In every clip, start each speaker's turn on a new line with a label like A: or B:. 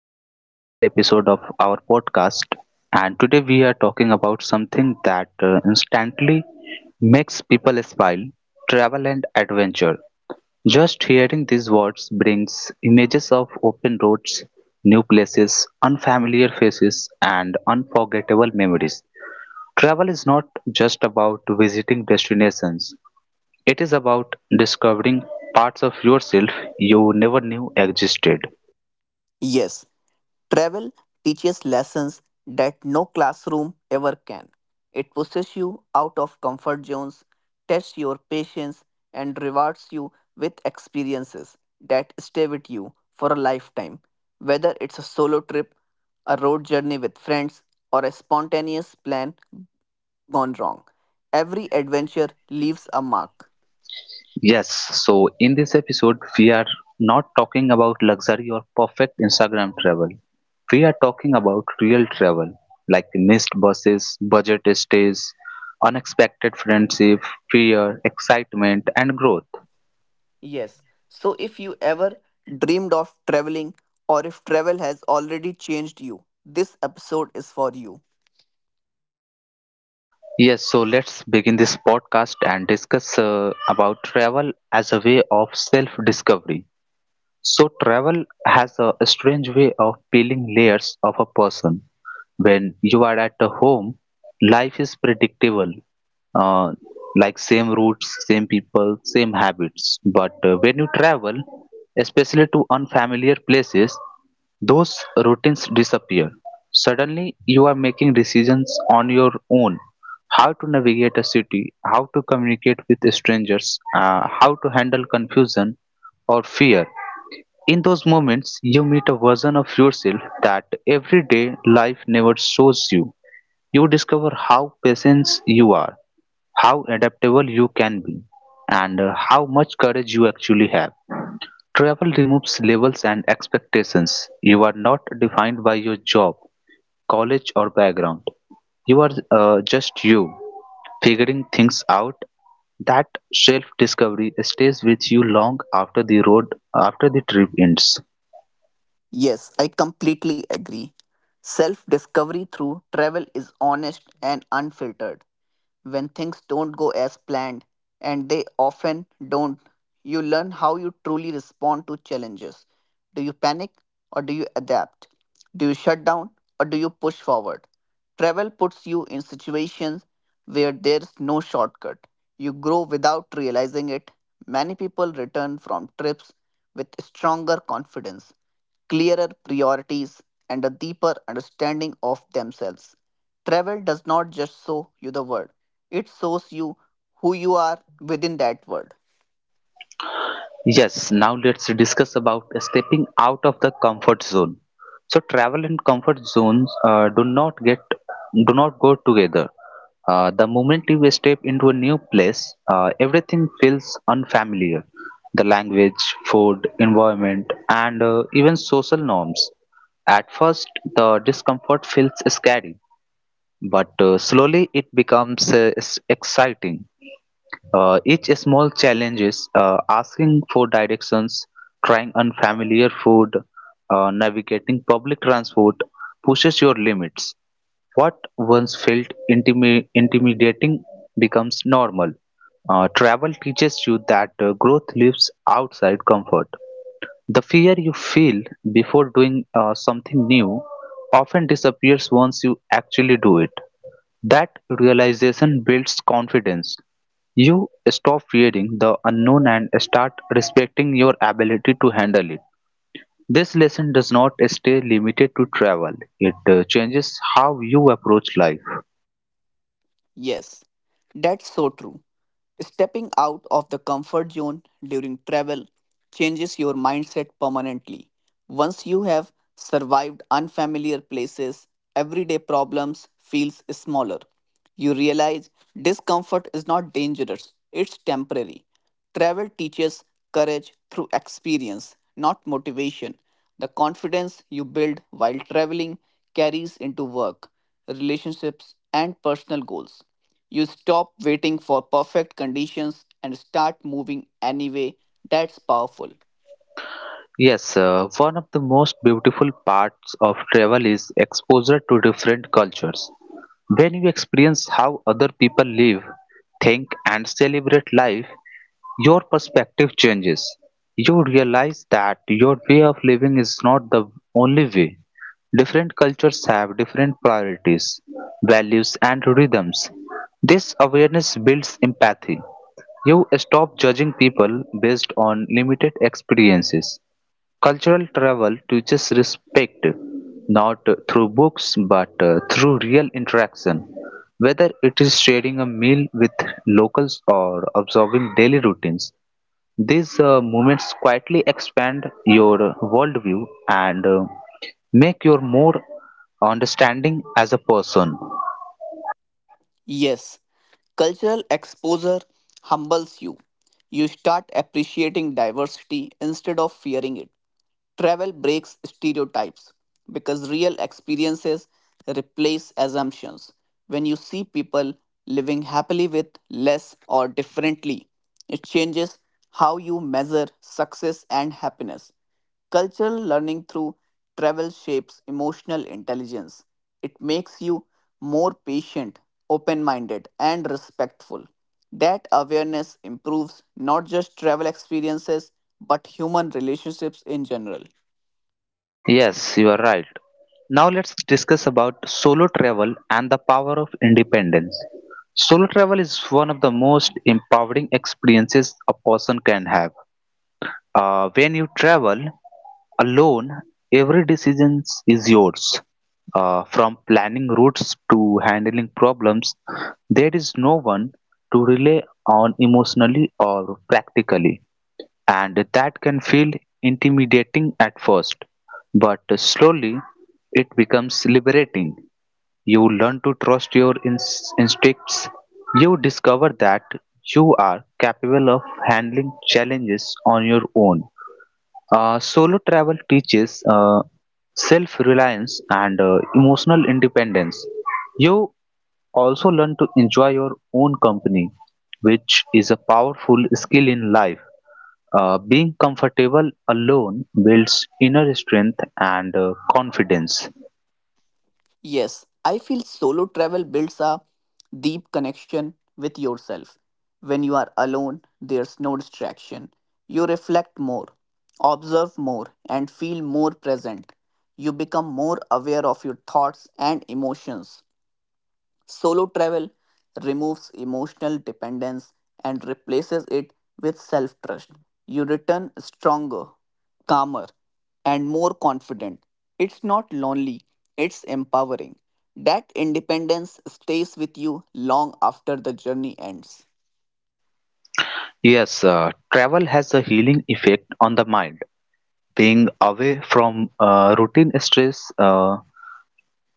A: back to another episode of our podcast, and today we are talking about something that instantly makes people smile. Travel and adventure. Just hearing these words brings images of open roads, new places, unfamiliar faces, and unforgettable memories. Travel is not just about visiting destinations, it is about discovering parts of yourself you never knew existed.
B: Yes, travel teaches lessons that no classroom ever can. It pushes you out of comfort zones, tests your patience, and rewards you with experiences that stay with you for a lifetime. Whether it's a solo trip, a road journey with friends, or a spontaneous plan gone wrong, every adventure leaves a mark.
A: Yes, so in this episode, we are not talking about luxury or perfect Instagram travel. We are talking about real travel, like missed buses, budget stays, unexpected friendship, fear, excitement, and growth.
B: Yes. So if you ever dreamed of traveling or if travel has already changed you, this episode is for you.
A: Yes, so let's begin this podcast and discuss, about travel as a way of self discovery. So travel has a strange way of peeling layers of a person. When you are at a home, life is predictable, uh, like same routes, same people, same habits. But when you travel, especially to unfamiliar places, those routines disappear. Suddenly, you are making decisions on your own: how to navigate a city, how to communicate with strangers, how to handle confusion or fear. In those moments, you meet a version of yourself that everyday life never shows you. You discover how patient you are, how adaptable you can be, and how much courage you actually have. Travel removes labels and expectations. You are not defined by your job, college, or background. You are just you, figuring things out. That self discovery stays with you long after the road, after the trip ends.
B: Yes, I completely agree. Self discovery through travel is honest and unfiltered. When things don't go as planned, and they often don't. You learn how you truly respond to challenges. Do you panic or do you adapt? Do you shut down or do you push forward? Travel puts you in situations where there's no shortcut. You grow without realizing it. Many people return from trips with stronger confidence, clearer priorities, and a deeper understanding of themselves. Travel does not just show you the world, it shows you who you are within that world.
A: Yes, now let's discuss about stepping out of the comfort zone. So travel and comfort zones do not go together. The moment you step into a new place, everything feels unfamiliar. The language, food, environment, and even social norms. At first, the discomfort feels scary, but slowly it becomes exciting. Each small challenge is asking for directions, trying unfamiliar food, navigating public transport, pushes your limits. What once felt intimidating becomes normal. Travel teaches you that growth lives outside comfort. The fear you feel before doing something new often disappears once you actually do it. That realization builds confidence. You stop fearing the unknown and start respecting your ability to handle it. This lesson does not stay limited to travel, it changes how you approach life.
B: Yes, that's so true. Stepping out of the comfort zone during travel changes your mindset permanently. Once you have survived unfamiliar places, everyday problems feels smaller. You realize discomfort is not dangerous, it's temporary. Travel teaches courage through experience, not motivation. The confidence you build while traveling carries into work, relationships, and personal goals. You stop waiting for perfect conditions and start moving anyway. That's powerful.
A: Yes, one of the most beautiful parts of travel is exposure to different cultures. When you experience how other people live, think, and celebrate life, your perspective changes. You realize that your way of living is not the only way. Different cultures have different priorities, values, and rhythms. This awareness builds empathy. You stop judging people based on limited experiences. Cultural travel teaches respect, not through books but through real interaction, whether it is sharing a meal with locals or observing daily routines. These moments quietly expand your worldview and make you more understanding as a person.
B: Yes, cultural exposure humbles you. You start appreciating diversity instead of fearing it. Travel breaks stereotypes because real experiences replace assumptions. When you see people living happily with less or differently, it changes how you measure success and happiness. Cultural learning through travel shapes emotional intelligence. It makes you more patient, open minded, and respectful. That awareness improves not just travel experiences but human relationships in general.
A: Yes, you are right. Now let's discuss about solo travel and the power of independence. Solo travel is one of the most empowering experiences a person can have. When you travel alone, every decision is yours. From planning routes to handling problems, there is no one to rely on emotionally or practically, and that can feel intimidating at first, but slowly it becomes liberating. You learn to trust your instincts. You discover that you are capable of handling challenges on your own. Solo travel teaches self reliance and emotional independence. You also learn to enjoy your own company, which is a powerful skill in life. Being comfortable alone builds inner strength and confidence.
B: Yes, I feel solo travel builds a deep connection with yourself. When you are alone, there's no distraction. You reflect more, observe more, and feel more present. You become more aware of your thoughts and emotions. Solo travel removes emotional dependence and replaces it with self trust. You return stronger, calmer, and more confident. It's not lonely, it's empowering. That independence stays with you long after the journey ends.
A: Yes, travel has a healing effect on the mind. Being away from routine stress,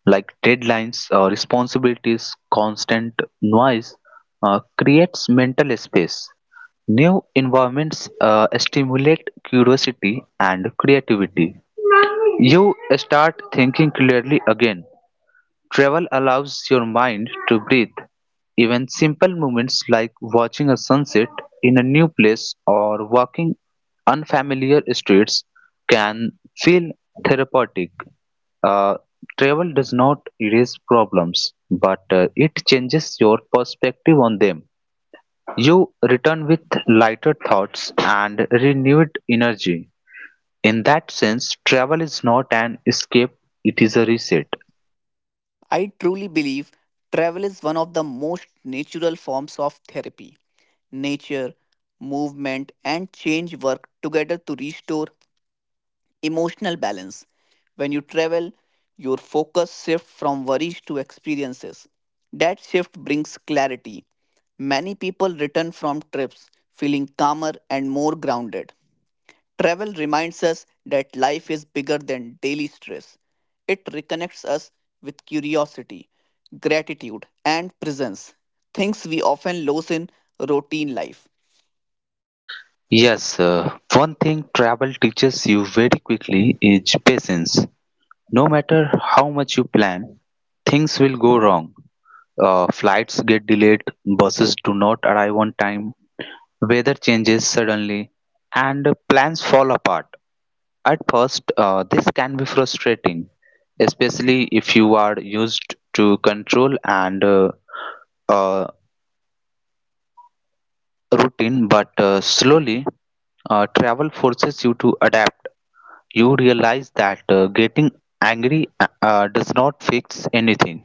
A: like deadlines, responsibilities, constant noise, creates mental space. New environments stimulate curiosity and creativity. You start thinking clearly again. Travel allows your mind to breathe. Even simple moments like watching a sunset in a new place or walking unfamiliar streets can feel therapeutic. Uh, travel does not erase problems, but it changes your perspective on them. You return with lighter thoughts and renewed energy. In that sense, travel is not an escape, it is a reset.
B: I truly believe travel is one of the most natural forms of therapy. Nature, movement, and change work together to restore emotional balance. When you travel, your focus shifts from worries to experiences. That shift brings clarity. Many people return from trips feeling calmer and more grounded. Travel reminds us that life is bigger than daily stress. It reconnects us with curiosity, gratitude, and presence, things we often lose in routine life.
A: Yes, one thing travel teaches you very quickly is patience. No matter how much you plan, things will go wrong. Flights get delayed, buses do not arrive on time, weather changes suddenly, and plans fall apart. At first, this can be frustrating, especially if you are used to control and uh, routine, but slowly, travel forces you to adapt. You realize that getting angry does not fix anything.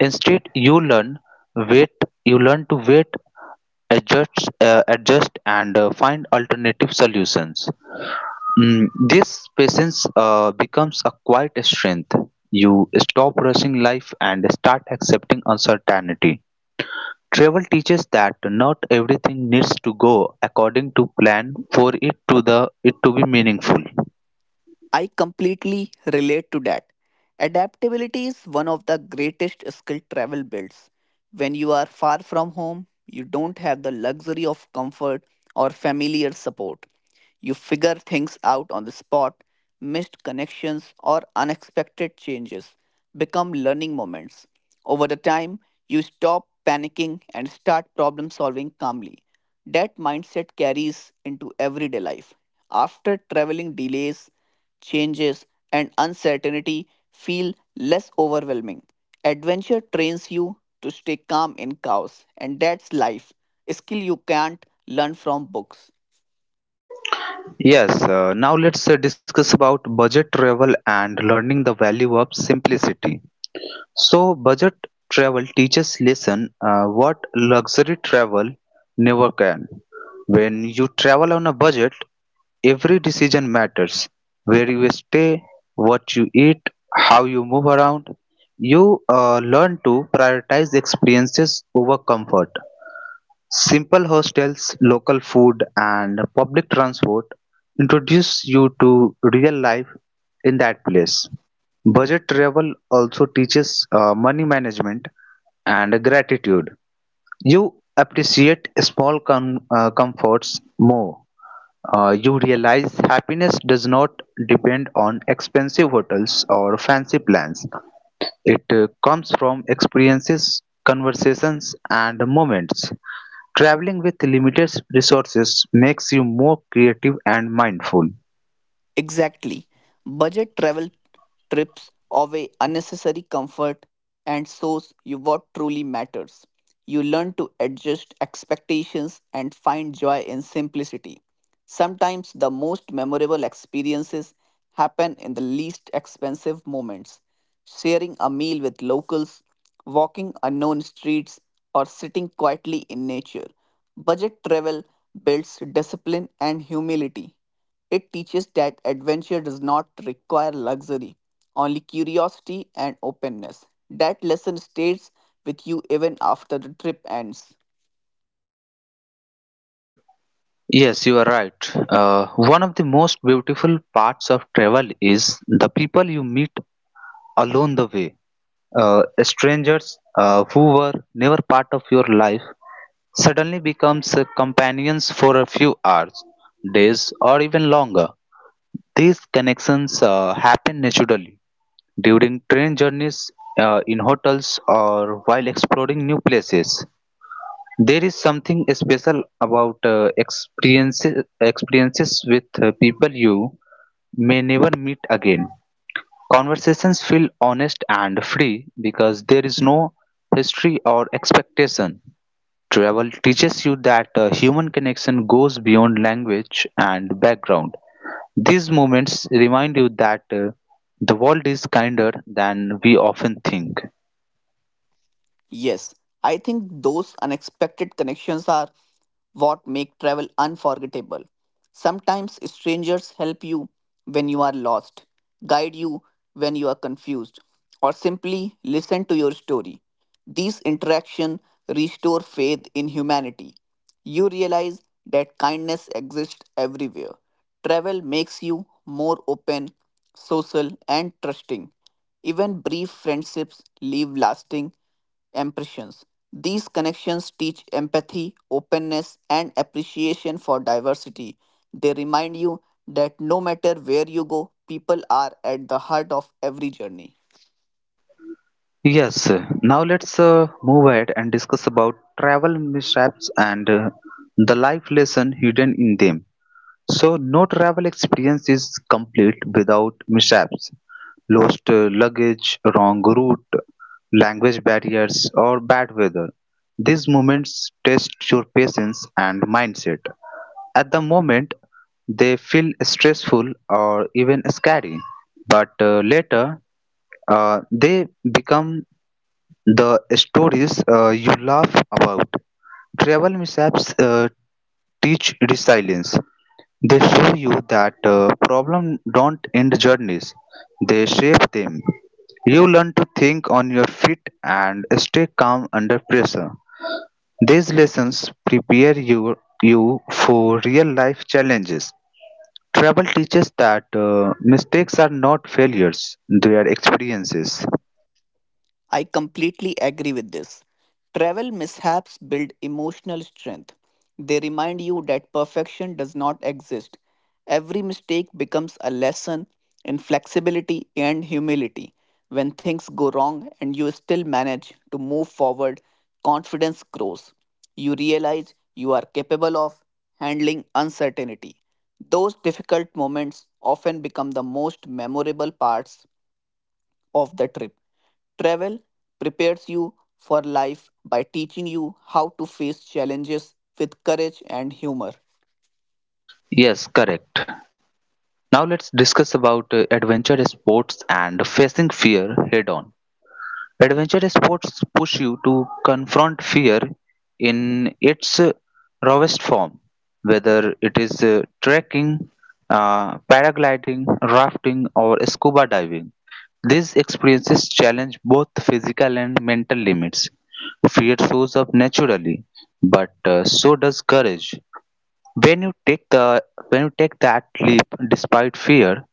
A: Instead, wait. You learn to wait, adjust, and find alternative solutions. This patience becomes a quiet strength. You stop rushing life and start accepting uncertainty. Travel teaches that not everything needs to go according to plan for it to be meaningful.
B: I completely relate to that. Adaptability is one of the greatest skill travel builds. When you are far from home, you don't have the luxury of comfort or familiar support. You figure things out on the spot, missed connections or unexpected changes become learning moments. Over the time, you stop panicking and start problem solving calmly. That mindset carries into everyday life. After traveling delays changes, and uncertainty feel less overwhelming. Adventure trains you to stay calm in chaos, and that's life. A skill you can't learn from books.
A: Yes, now let's, discuss about budget travel and learning the value of simplicity. So, budget travel teaches lesson what luxury travel never can. When you travel on a budget, every decision matters. Where you stay, what you eat, how you move around, you learn to prioritize experiences over comfort. Simple hostels, local food, and public transport introduce you to real life in that place. Budget travel also teaches money management and gratitude. You appreciate small comforts more. You realize happiness does not depend on expensive hotels or fancy plans. It comes from experiences, conversations, and moments. Traveling with limited resources makes you more creative and mindful.
B: Exactly. Budget travel trips away unnecessary comfort and shows you what truly matters. You learn to adjust expectations and find joy in simplicity. Sometimes the most memorable experiences happen in the least expensive moments. Sharing a meal with locals, walking unknown streets, or sitting quietly in nature. Budget travel builds discipline and humility. It teaches that adventure does not require luxury, only curiosity and openness. That lesson stays with you even after the trip ends.
A: Yes, you are right. One of the most beautiful parts of travel is the people you meet along the way. Strangers who were never part of your life suddenly becomes companions for a few hours, days, or even longer. These connections happen naturally during train journeys, in hotels, or while exploring new places. There is something special about experiences with people you may never meet again. Conversations feel honest and free because there is no history or expectation. Travel teaches you that human connection goes beyond language and background. These moments remind you that the world is kinder than we often think.
B: Yes, I think those unexpected connections are what make travel unforgettable. Sometimes strangers help you when you are lost, guide you when you are confused, or simply listen to your story. These interactions restore faith in humanity. You realize that kindness exists everywhere. Travel makes you more open, social, and trusting. Even brief friendships leave lasting impressions. These connections teach empathy, openness, and appreciation for diversity. They remind you that no matter where you go, people are at the heart of every journey.
A: Yes, now let's, move ahead and discuss about travel mishaps and the life lesson hidden in them. So, no travel experience is complete without mishaps. Lost luggage, wrong route, language barriers, or bad weather. These moments test your patience and mindset. At the moment, they feel stressful or even scary, but later they become the stories you laugh about. Travel mishaps teach resilience. They show you that problems don't end journeys, they shape them. You learn to think on your feet and stay calm under pressure. These lessons prepare you for real life challenges. Travel teaches that mistakes are not failures, they are experiences.
B: I completely agree with this. Travel mishaps build emotional strength. They remind you that perfection does not exist. Every mistake becomes a lesson in flexibility and humility. When things go wrong and you still manage to move forward, confidence grows. You realize you are capable of handling uncertainty. Those difficult moments often become the most memorable parts of the trip. Travel prepares you for life by teaching you how to face challenges with courage and humor.
A: Yes, correct. Now let's discuss about, adventure sports and facing fear head on. Adventure sports push you to confront fear in its rawest form, whether it is trekking, paragliding, rafting, or scuba diving. These experiences challenge both physical and mental limits. Fear shows up naturally, but so does courage. When you take the when you take that leap despite fear,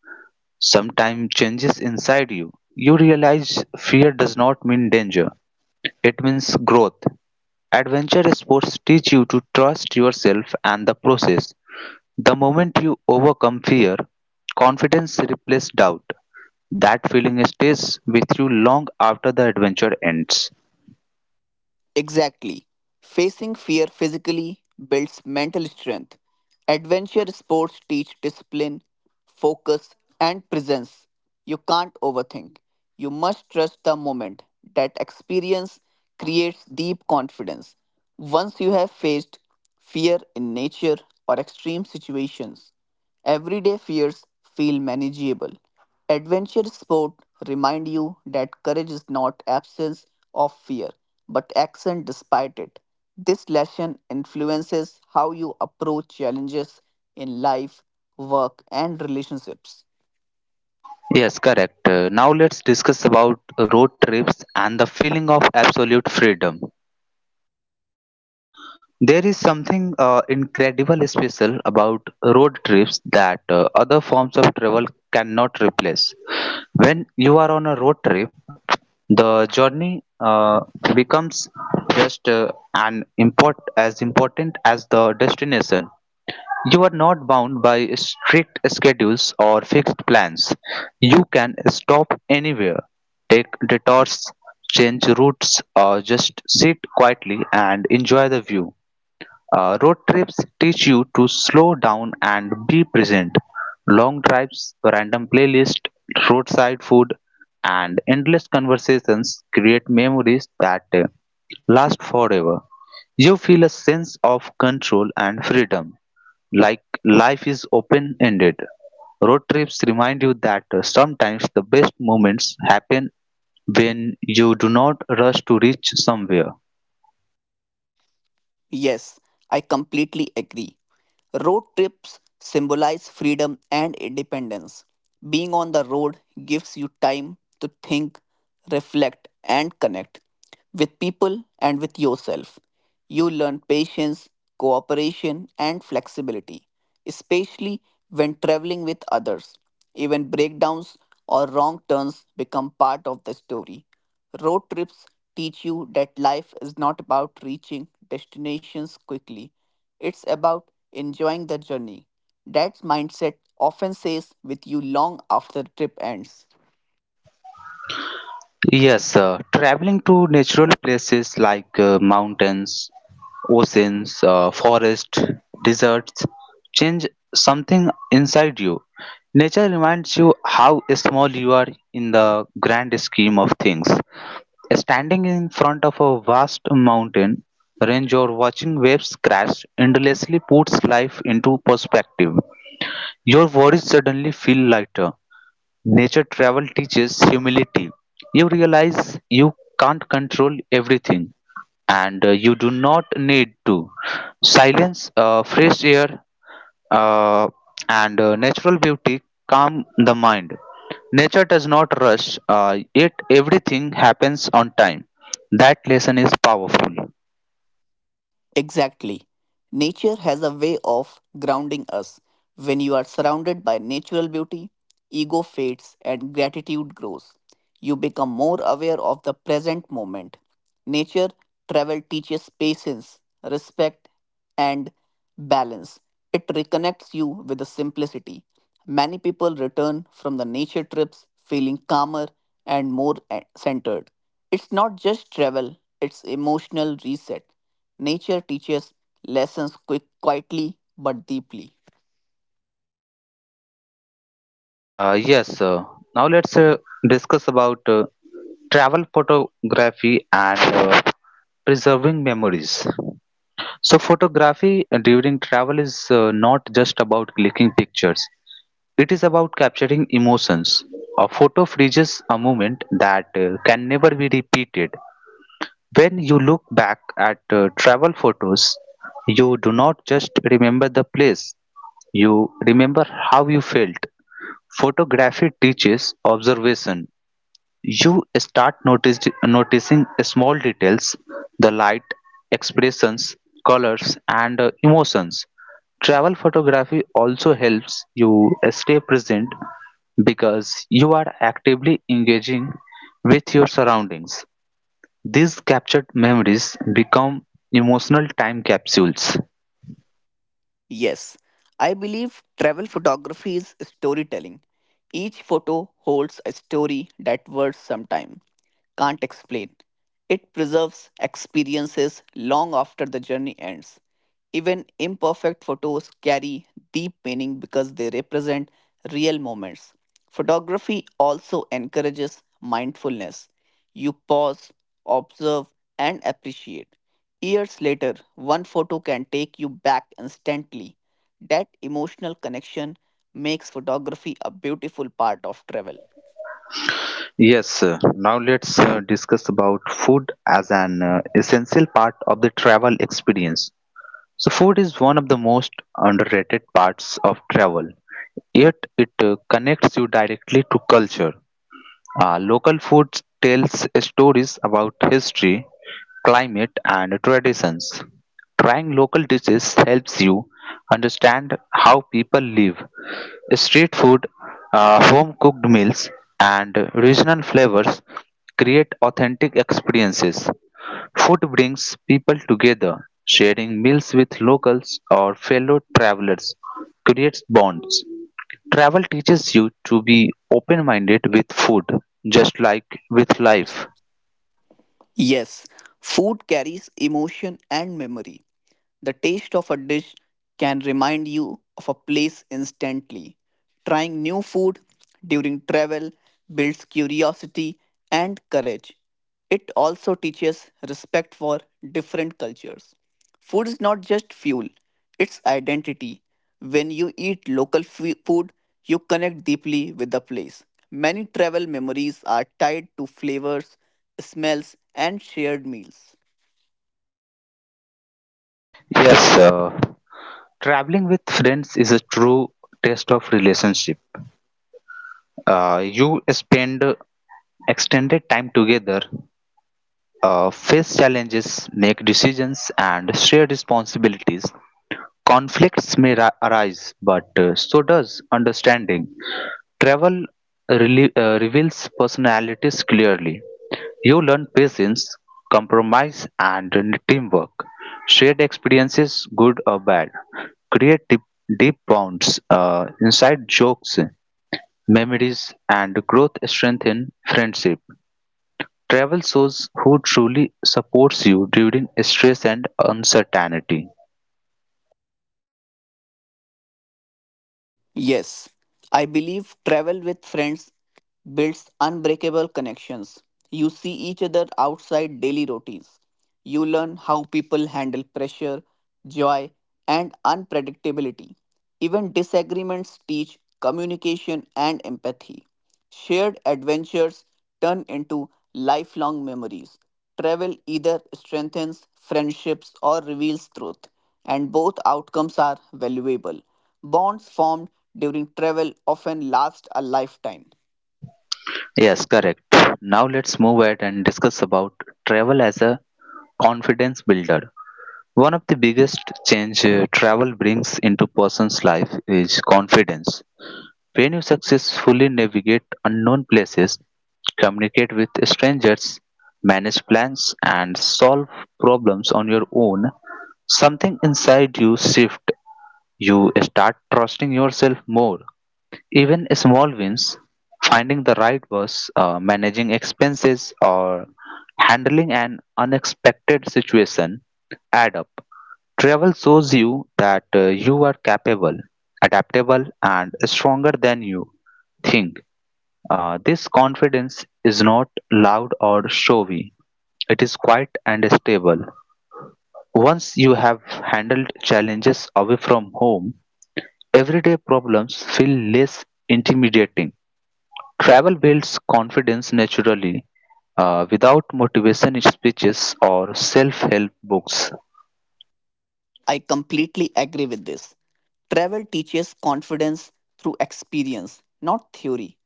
A: sometimes changes inside you. You realize fear does not mean danger, it means growth. Adventure sports teach you to trust yourself and the process. The moment you overcome fear, confidence replaces doubt. That feeling stays with you long after the adventure ends.
B: Exactly. Facing fear physically builds mental strength. Adventure sports teach discipline, focus, and presence. You can't overthink. You must trust the moment. That experience creates deep confidence. Once you have faced fear in nature or extreme situations, everyday fears feel manageable. Adventure sport remind you that courage is not absence of fear, but action despite it. This lesson influences how you approach challenges in life, work, and relationships.
A: Yes, correct. Now let's discuss about road trips and the feeling of absolute freedom. There is something incredible special about road trips that other forms of travel cannot replace. When you are on a road trip, the journey becomes just an import as important as the destination. You are not bound by strict schedules or fixed plans. You can stop anywhere, take detours, change routes, or just sit quietly and enjoy the view. Road trips teach you to slow down and be present. Long drives, random playlists, roadside food, and endless conversations create memories that last forever. You feel a sense of control and freedom, like life is open ended. Road trips remind you that sometimes the best moments happen when you do not rush to reach somewhere.
B: Yes, I completely agree. Road trips symbolize freedom and independence. Being on the road gives you time to think, reflect, and connect with people and with yourself. You learn patience, cooperation, and flexibility, especially when traveling with others. Even breakdowns or wrong turns become part of the story. Road trips teach you that life is not about reaching destinations quickly, it's about enjoying the journey. That mindset often stays with you long after the trip ends.
A: Yes, traveling to natural places like mountains, oceans, forests, deserts, change something inside you. Nature reminds you how small you are in the grand scheme of things. Standing in front of a vast mountain range or watching waves crash endlessly puts life into perspective. Your worries suddenly feel lighter. Nature travel teaches humility. You realize you can't control everything and you do not need to. Silence, fresh air, uh, and natural beauty calm the mind. Nature does not rush, yet everything happens on time. That lesson is powerful.
B: Exactly. Nature has a way of grounding us. When you are surrounded by natural beauty, ego fades and gratitude grows. You become more aware of the present moment. Nature travel teaches patience, respect, and balance. It reconnects you with the simplicity. Many people return from the nature trips feeling calmer and more centered. It's not just travel, it's emotional reset. Nature teaches lessons quick, quietly but deeply.
A: Yes, now let's discuss about travel photography and preserving memories. So photography during travel is not just about clicking pictures. It is about capturing emotions. A photo freezes a moment that can never be repeated. When you look back at travel photos, you do not just remember the place, you remember how you felt. Photography teaches observation, you start noticing small details, the light, expressions, colors, and emotions. Travel photography also helps you stay present because you are actively engaging with your surroundings. These captured memories become emotional time capsules.
B: Yes, I believe travel photography is storytelling. Each photo holds a story that words sometimes can't explain. It preserves experiences long after the journey ends. Even imperfect photos carry deep meaning because they represent real moments. Photography also encourages mindfulness. You pause, observe, and appreciate. Years later, one photo can take you back instantly that emotional connection makes photography a beautiful part of travel.
A: Yes, now let's discuss about food as an essential part of the travel experience. So food is one of the most underrated parts of travel, yet it connects you directly to culture. Local food tells stories about history, climate, and traditions. Trying local dishes helps you understand how people live. Street food, home cooked meals, and regional flavors create authentic experiences. Food brings people together. Sharing meals with locals or fellow travelers creates bonds. Travel teaches you to be open minded with food, just like with life.
B: Yes, food carries emotion and memory. The taste of a dish can remind you of a place instantly. Trying new food during travel builds curiosity and courage. It also teaches respect for different cultures. Food is not just fuel, it's identity. When you eat local food, you connect deeply with the place. Many travel memories are tied to flavors, smells, and shared meals.
A: Yes, traveling with friends is a true test of relationship. You spend extended time together, face challenges, make decisions, and share responsibilities. Conflicts arise, but so does understanding. Travel reveals personalities clearly. You learn patience, compromise, and teamwork. Shared experiences, good or bad, create deep, deep bonds, inside jokes, memories, and growth strengthen friendship. Travel shows who truly supports you during stress and uncertainty.
B: Yes, I believe travel with friends builds unbreakable connections. You see each other outside daily routines. You learn how people handle pressure, joy, and unpredictability. Even disagreements teach communication and empathy. Shared adventures turn into lifelong memories. Travel either strengthens friendships or reveals truth, and both outcomes are valuable. Bonds formed during travel often last a lifetime.
A: Yes, correct. Now let's move ahead and discuss about travel as a confidence builder. One of the biggest change travel brings into person's life is confidence. When you successfully navigate unknown places, communicate with strangers, manage plans, and solve problems on your own, something inside you shift. You start trusting yourself more, even small wins, finding the right bus, managing expenses, or handling an unexpected situation, add up. Travel shows you that you are capable, adaptable, and stronger than you think. This confidence is not loud or showy, it is quiet and stable. Once you have handled challenges away from home, everyday problems feel less intimidating. Travel builds confidence naturally, without motivation speeches or self-help books.
B: I completely agree with this. Travel teaches confidence through experience, not theory.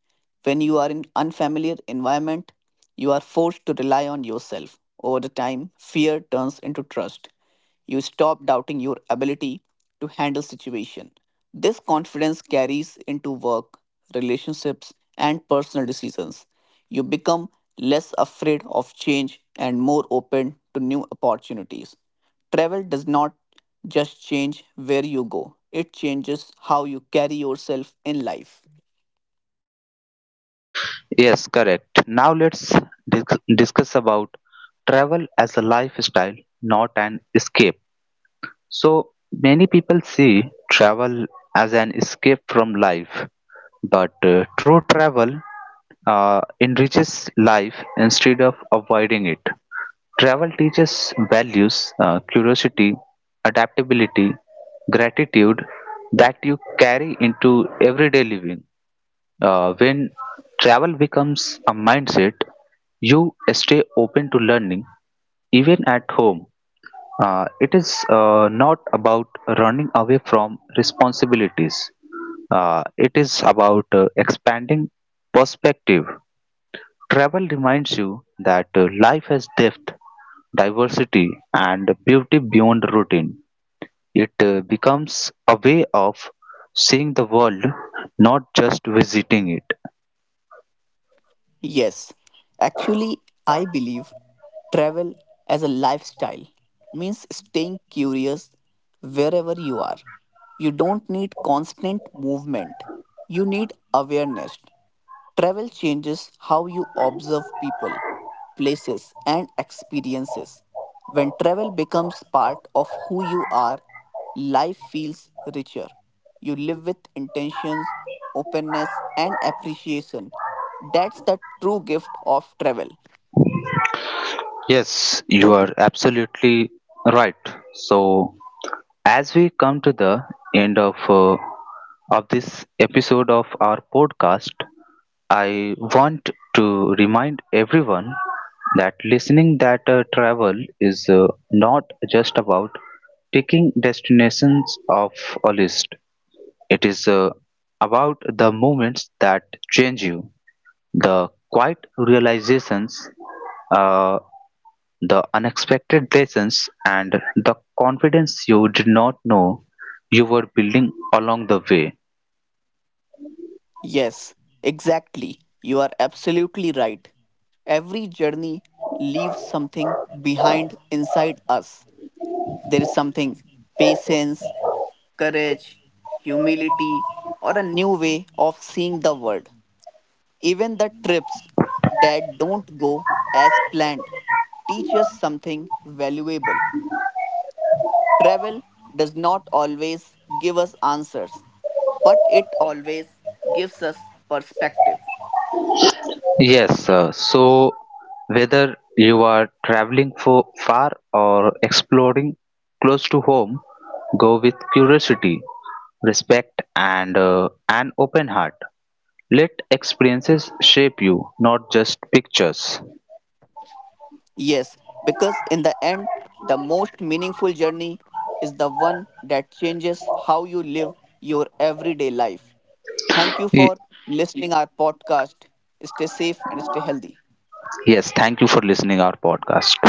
B: When you are in unfamiliar environment, you are forced to rely on yourself. Over the time, fear turns into trust. You stop doubting your ability to handle situation. This confidence carries into work, relationships, and personal decisions. You become less afraid of change and more open to new opportunities. Travel does not just change where you go, it changes how you carry yourself in life.
A: Yes, correct. Now discuss about travel as a lifestyle, not an escape. So many people see travel as an escape from life, but true travel enriches life instead of avoiding it. Travel teaches values, curiosity, adaptability, gratitude, that you carry into everyday living. When travel becomes a mindset, you stay open to learning even at home. It is not about running away from responsibilities. It is about expanding perspective. Travel reminds you that life has depth, diversity, and beauty beyond routine. It becomes a way of seeing the world, not just visiting it.
B: Yes, actually, I believe travel as a lifestyle means staying curious wherever you are. You don't need constant movement, you need awareness. Travel changes how you observe people, places, and experiences. When travel becomes part of who you are, life feels richer. You live with intentions, openness, and appreciation. That's the true gift of travel.
A: Yes, you are absolutely right. So, as we come to the end of this episode of our podcast, I want to remind everyone that listening that travel is not just about ticking destinations off a list. It is about the moments that change you, the quiet realizations uh. The unexpected lessons and the confidence you did not know you were building along the way.
B: Yes, exactly. You are absolutely right. Every journey leaves something behind inside us. There is something patience, courage, humility, or a new way of seeing the world. Even the trips that don't go as planned teach us something valuable. Travel does not always give us answers, but it always gives us perspective.
A: Yes, so, whether you are traveling for far or exploring close to home, go with curiosity, respect, and an open heart. Let experiences shape you, not just pictures.
B: Yes, because in the end, the most meaningful journey is the one that changes how you live your everyday life. Thank you
A: Y-
B: for listening our podcast. Stay safe and stay healthy.
A: Yes, thank you for listening our podcast.